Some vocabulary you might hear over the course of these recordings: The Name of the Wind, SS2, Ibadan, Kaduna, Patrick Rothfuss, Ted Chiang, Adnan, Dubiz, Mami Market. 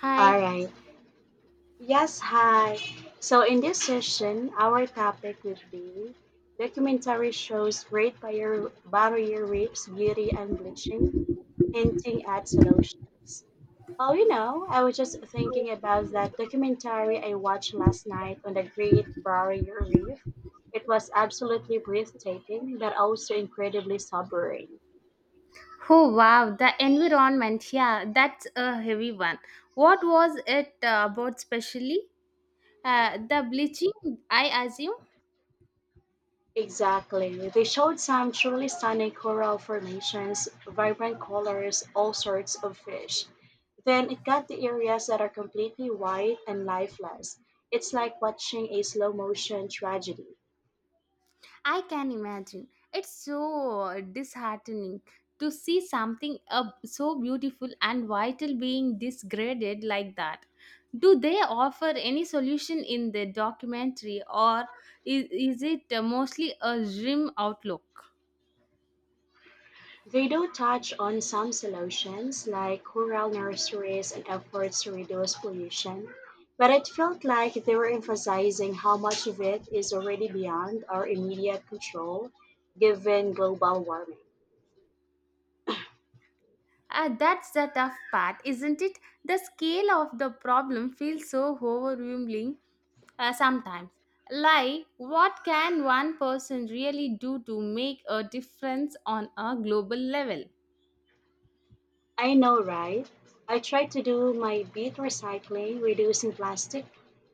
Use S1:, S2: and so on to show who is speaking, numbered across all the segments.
S1: Hi.
S2: All right. Yes, hi. So in this session, our topic would be documentary shows Barrier Reef's beauty and bleaching, hinting at solutions. Oh, you know, I was just thinking about that documentary I watched last night on the Great Barrier Reef. It was absolutely breathtaking, but also incredibly sobering.
S1: Oh wow, the environment. Yeah, that's a heavy one. What was it about specially? The bleaching, I assume.
S2: Exactly. They showed some truly stunning coral formations, vibrant colors, all sorts of fish. Then it got the areas that are completely white and lifeless. It's like watching a slow motion tragedy.
S1: I can imagine. It's so disheartening to see something so beautiful and vital being degraded like that. Do they offer any solution in the documentary or is it mostly a grim outlook?
S2: They do touch on some solutions, like coral nurseries and efforts to reduce pollution, but it felt like they were emphasizing how much of it is already beyond our immediate control given global warming.
S1: Ah, that's the tough part, isn't it? The scale of the problem feels so overwhelming sometimes. Like, what can one person really do to make a difference on a global level?
S2: I know, right? I try to do my bit recycling, reducing plastic,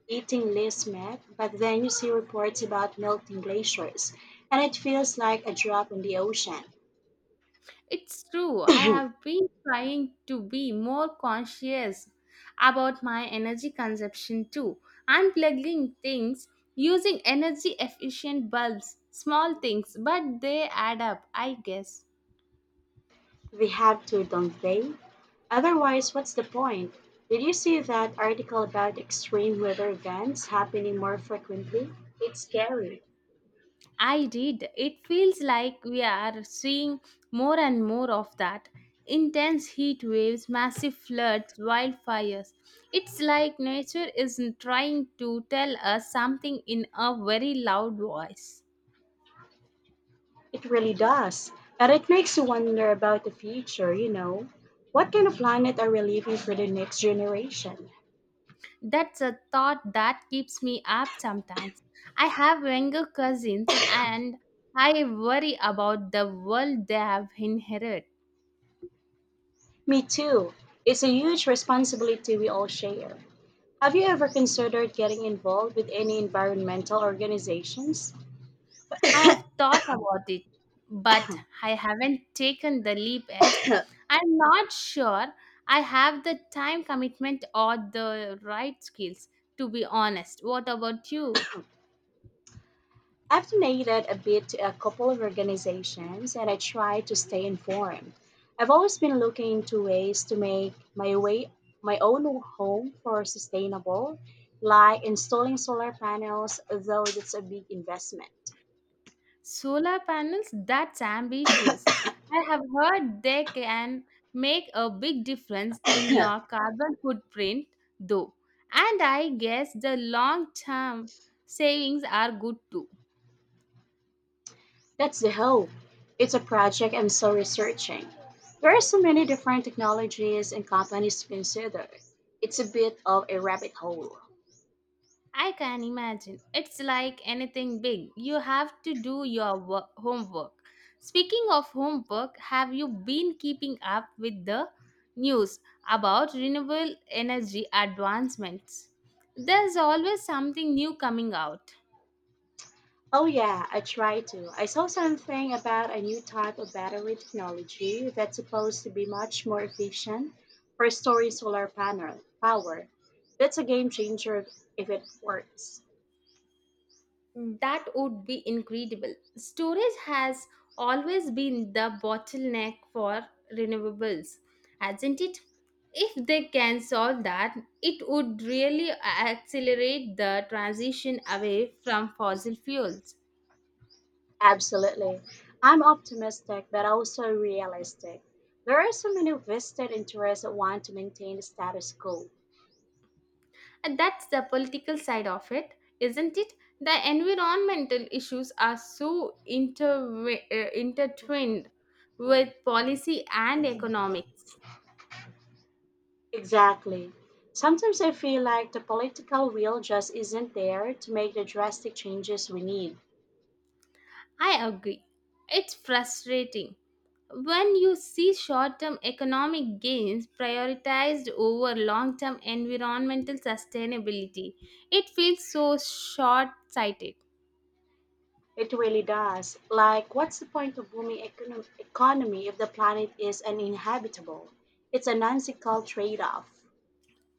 S2: eating less meat, but then you see reports about melting glaciers, and it feels like a drop in the ocean.
S1: It's true, I have been trying to be more conscious about my energy consumption too. Unplugging things, using energy efficient bulbs, small things, but they add up, I guess.
S2: They have to, don't they? Otherwise, what's the point? Did you see that article about extreme weather events happening more frequently? It's scary.
S1: I did. It feels like we are seeing more and more of that. Intense heat waves, massive floods, wildfires. It's like nature is trying to tell us something in a very loud voice.
S2: It really does. And it makes you wonder about the future, you know. What kind of planet are we leaving for the next generation?
S1: That's a thought that keeps me up sometimes. I have younger cousins and I worry about the world they have inherited.
S2: Me too. It's a huge responsibility we all share. Have you ever considered getting involved with any environmental organizations?
S1: I have thought about it, but I haven't taken the leap yet. I'm not sure I have the time commitment or the right skills, to be honest. What about you?
S2: I've donated a bit to a couple of organizations, and I try to stay informed. I've always been looking into ways to make my own home for sustainable, like installing solar panels, though that's a big investment.
S1: Solar panels? That's ambitious. I have heard they can make a big difference in your carbon footprint, though. And I guess the long term savings are good too.
S2: That's the hope. It's a project I'm still researching. There are so many different technologies and companies to consider. It's a bit of a rabbit hole.
S1: I can imagine. It's like anything big. You have to do your homework. Speaking of homework, have you been keeping up with the news about renewable energy advancements? There's always something new coming out.
S2: Oh, yeah, I tried to. I saw something about a new type of battery technology that's supposed to be much more efficient for storing solar panel power. That's a game changer if it works.
S1: That would be incredible. Storage has always been the bottleneck for renewables, hasn't it? If they can solve that, it would really accelerate the transition away from fossil fuels.
S2: Absolutely. I'm optimistic but also realistic. There are so many vested interests that want to maintain the status quo.
S1: And that's the political side of it, isn't it? The environmental issues are so intertwined with policy and economics.
S2: Exactly. Sometimes I feel like the political will just isn't there to make the drastic changes we need.
S1: I agree. It's frustrating when you see short term economic gains prioritized over long term environmental sustainability, it feels so short sighted.
S2: It really does. Like, what's the point of booming economy if the planet is uninhabitable? It's a nonsensical trade off.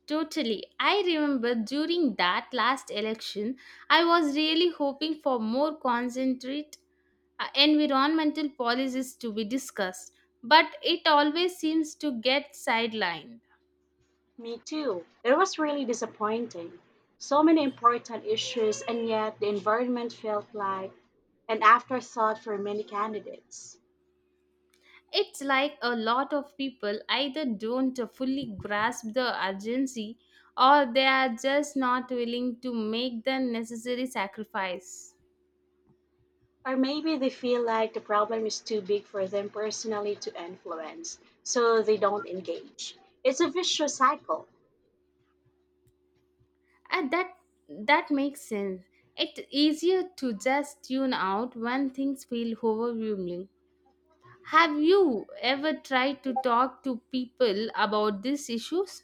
S1: Totally. I remember during that last election, I was really hoping for more concentrate environmental policies to be discussed, but it always seems to get sidelined.
S2: Me too. It was really disappointing. So many important issues, and yet the environment felt like an afterthought for many candidates.
S1: It's like a lot of people either don't fully grasp the urgency or they are just not willing to make the necessary sacrifice.
S2: Or maybe they feel like the problem is too big for them personally to influence, so they don't engage. It's a vicious cycle.
S1: And that makes sense. It's easier to just tune out when things feel overwhelming. Have you ever tried to talk to people about these issues?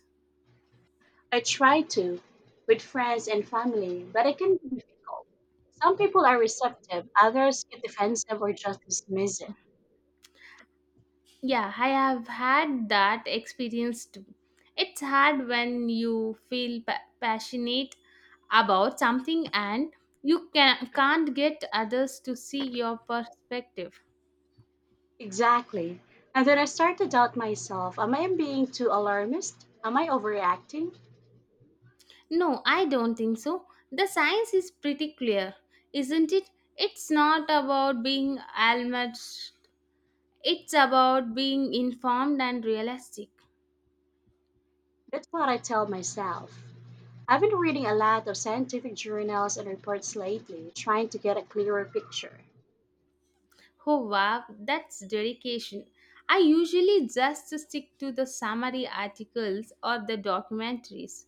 S2: I try to with friends and family, but it can be difficult. Some people are receptive, others get defensive or just dismiss it.
S1: Yeah, I have had that experience too. It's hard when you feel passionate about something and you can't get others to see your perspective.
S2: Exactly. And then I start to doubt myself. Am I being too alarmist? Am I overreacting?
S1: No, I don't think so. The science is pretty clear, isn't it? It's not about being almost, it's about being informed and realistic.
S2: That's what I tell myself. I've been reading a lot of scientific journals and reports lately, trying to get a clearer picture.
S1: Oh wow, that's dedication. I usually just stick to the summary articles or the documentaries.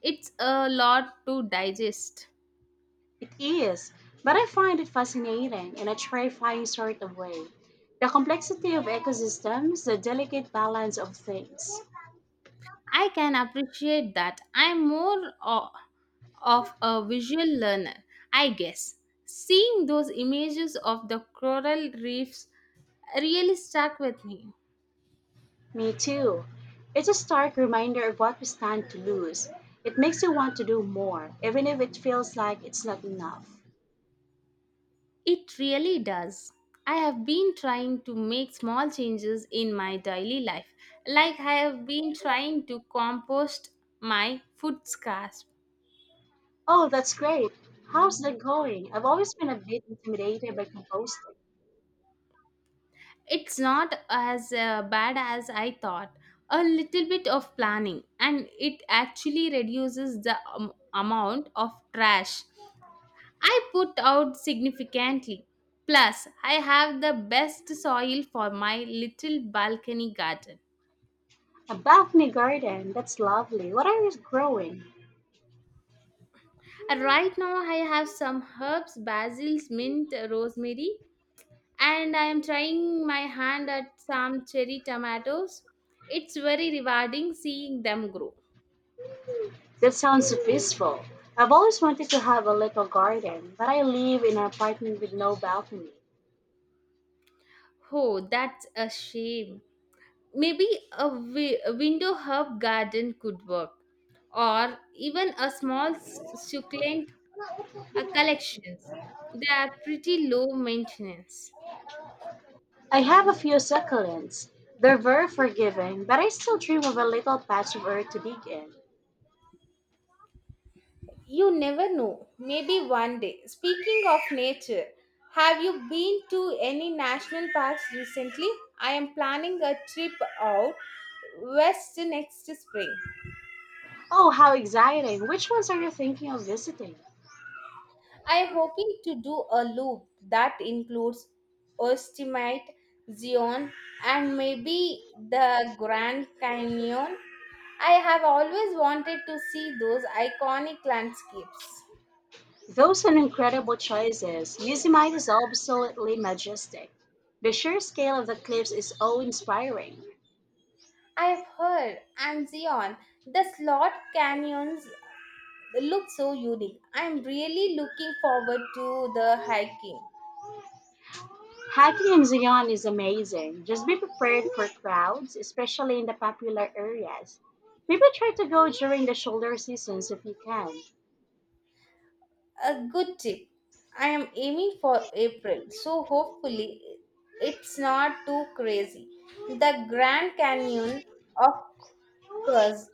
S1: It's a lot to digest.
S2: It is, but I find it fascinating in a terrifying sort of way. The complexity of ecosystems, the delicate balance of things.
S1: I can appreciate that. I'm more of a visual learner, I guess. Seeing those images of the coral reefs really stuck with me.
S2: Me too. It's a stark reminder of what we stand to lose. It makes you want to do more, even if it feels like it's not enough.
S1: It really does. I have been trying to make small changes in my daily life. Like I have been trying to compost my food scraps.
S2: Oh, that's great. How's that going? I've always been a bit intimidated by composting.
S1: It's not as bad as I thought. A little bit of planning and it actually reduces the amount of trash I put out significantly. Plus, I have the best soil for my little balcony garden.
S2: A balcony garden, that's lovely. What are you growing?
S1: And right now I have some herbs, basil, mint, rosemary, and I am trying my hand at some cherry tomatoes. It's very rewarding seeing them grow.
S2: That sounds so peaceful. I've always wanted to have a little garden, but I live in an apartment with no balcony.
S1: Oh, that's a shame. Maybe a window herb garden could work, or even a small succulent collections. They are pretty low maintenance.
S2: I have a few succulents. They're very forgiving, but I still dream of a little patch of earth to dig in.
S1: You never know. Maybe one day. Speaking of nature, have you been to any national parks recently? I am planning a trip out west next spring.
S2: Oh, how exciting! Which ones are you thinking of visiting?
S1: I am hoping to do a loop that includes Yosemite, Zion, and maybe the Grand Canyon. I have always wanted to see those iconic landscapes.
S2: Those are incredible choices. Yosemite is absolutely majestic. The sheer scale of the cliffs is awe-inspiring.
S1: I've heard, and Zion, the slot canyons, they look so unique. I'm really looking forward to the hiking.
S2: Hiking in Zion is amazing. Just be prepared for crowds, especially in the popular areas. Maybe try to go during the shoulder seasons if you can.
S1: A good tip. I am aiming for April, so hopefully it's not too crazy. The Grand Canyon, of course,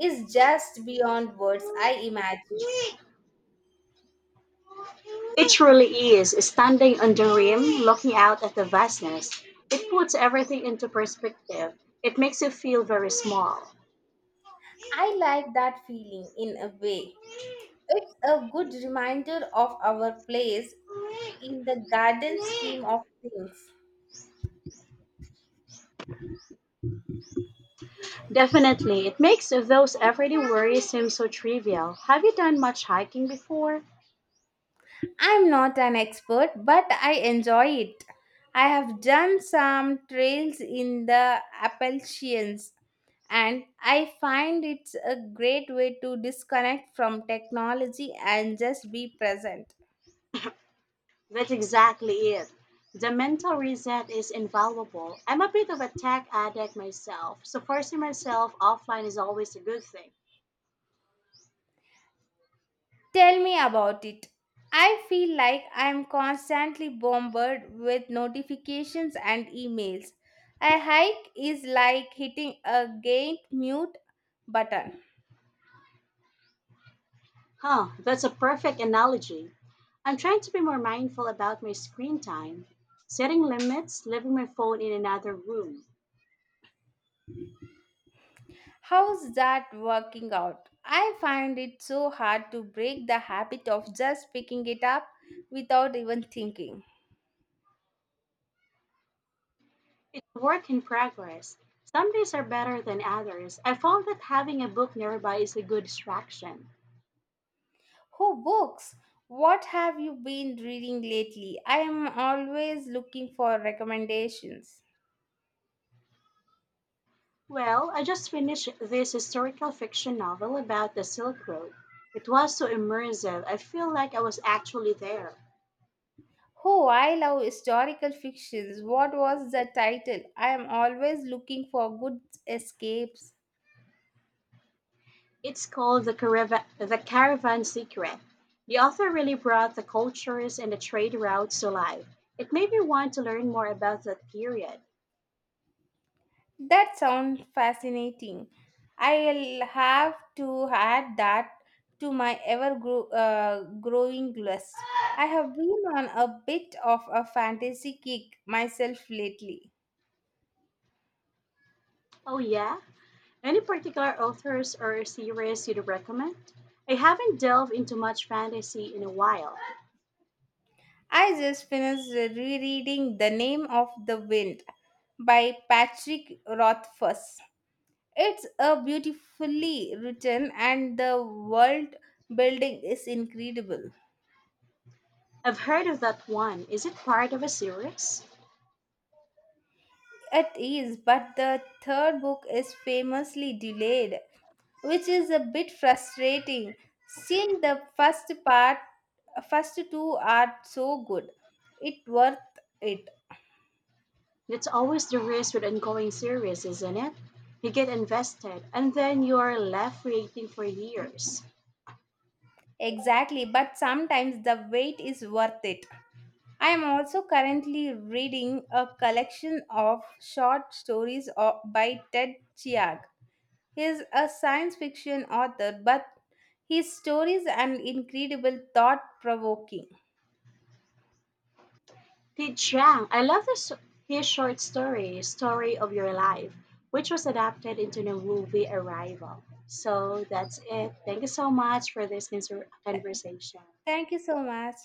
S1: is just beyond words, I imagine.
S2: It truly is. Standing on the rim, looking out at the vastness, it puts everything into perspective. It makes you feel very small.
S1: I like that feeling in a way. It's a good reminder of our place in the garden scheme of things.
S2: Definitely, it makes those everyday worries seem so trivial. Have you done much hiking before?
S1: I'm not an expert, but I enjoy it. I have done some trails in the Appalachians, and I find it's a great way to disconnect from technology and just be present.
S2: That's exactly it. The mental reset is invaluable. I'm a bit of a tech addict myself, so forcing myself offline is always a good thing.
S1: Tell me about it. I feel like I'm constantly bombarded with notifications and emails. A hike is like hitting a gate mute button.
S2: Huh, that's a perfect analogy. I'm trying to be more mindful about my screen time, setting limits, leaving my phone in another room.
S1: How's that working out? I find it so hard to break the habit of just picking it up without even thinking.
S2: It's a work in progress. Some days are better than others. I found that having a book nearby is a good distraction.
S1: Oh, books! What have you been reading lately? I am always looking for recommendations.
S2: Well, I just finished this historical fiction novel about the Silk Road. It was so immersive, I feel like I was actually there.
S1: Oh, I love historical fictions. What was the title? I am always looking for good escapes.
S2: It's called the Caravan Secret. The author really brought the cultures and the trade routes to life. It made me want to learn more about that period.
S1: That sounds fascinating. I'll have to add that to my growing list. I have been on a bit of a fantasy kick myself lately.
S2: Oh, yeah? Any particular authors or series you'd recommend? I haven't delved into much fantasy in a while.
S1: I just finished rereading The Name of the Wind by Patrick Rothfuss. It's a beautifully written and the world building is incredible.
S2: I've heard of that one. Is it part of a series?
S1: It is, but the third book is famously delayed, which is a bit frustrating. Still, first two are so good. It worth it.
S2: That's always the risk with ongoing series, isn't it? You get invested and then you are left waiting for years.
S1: Exactly, but sometimes the wait is worth it. I am also currently reading a collection of short stories by Ted Chiang. He is a science fiction author, but his stories are incredible, thought provoking.
S2: Did Chiang, I love this, his short story, Story of Your Life, which was adapted into the movie Arrival. So that's it. Thank you so much for this conversation.
S1: Thank you so much.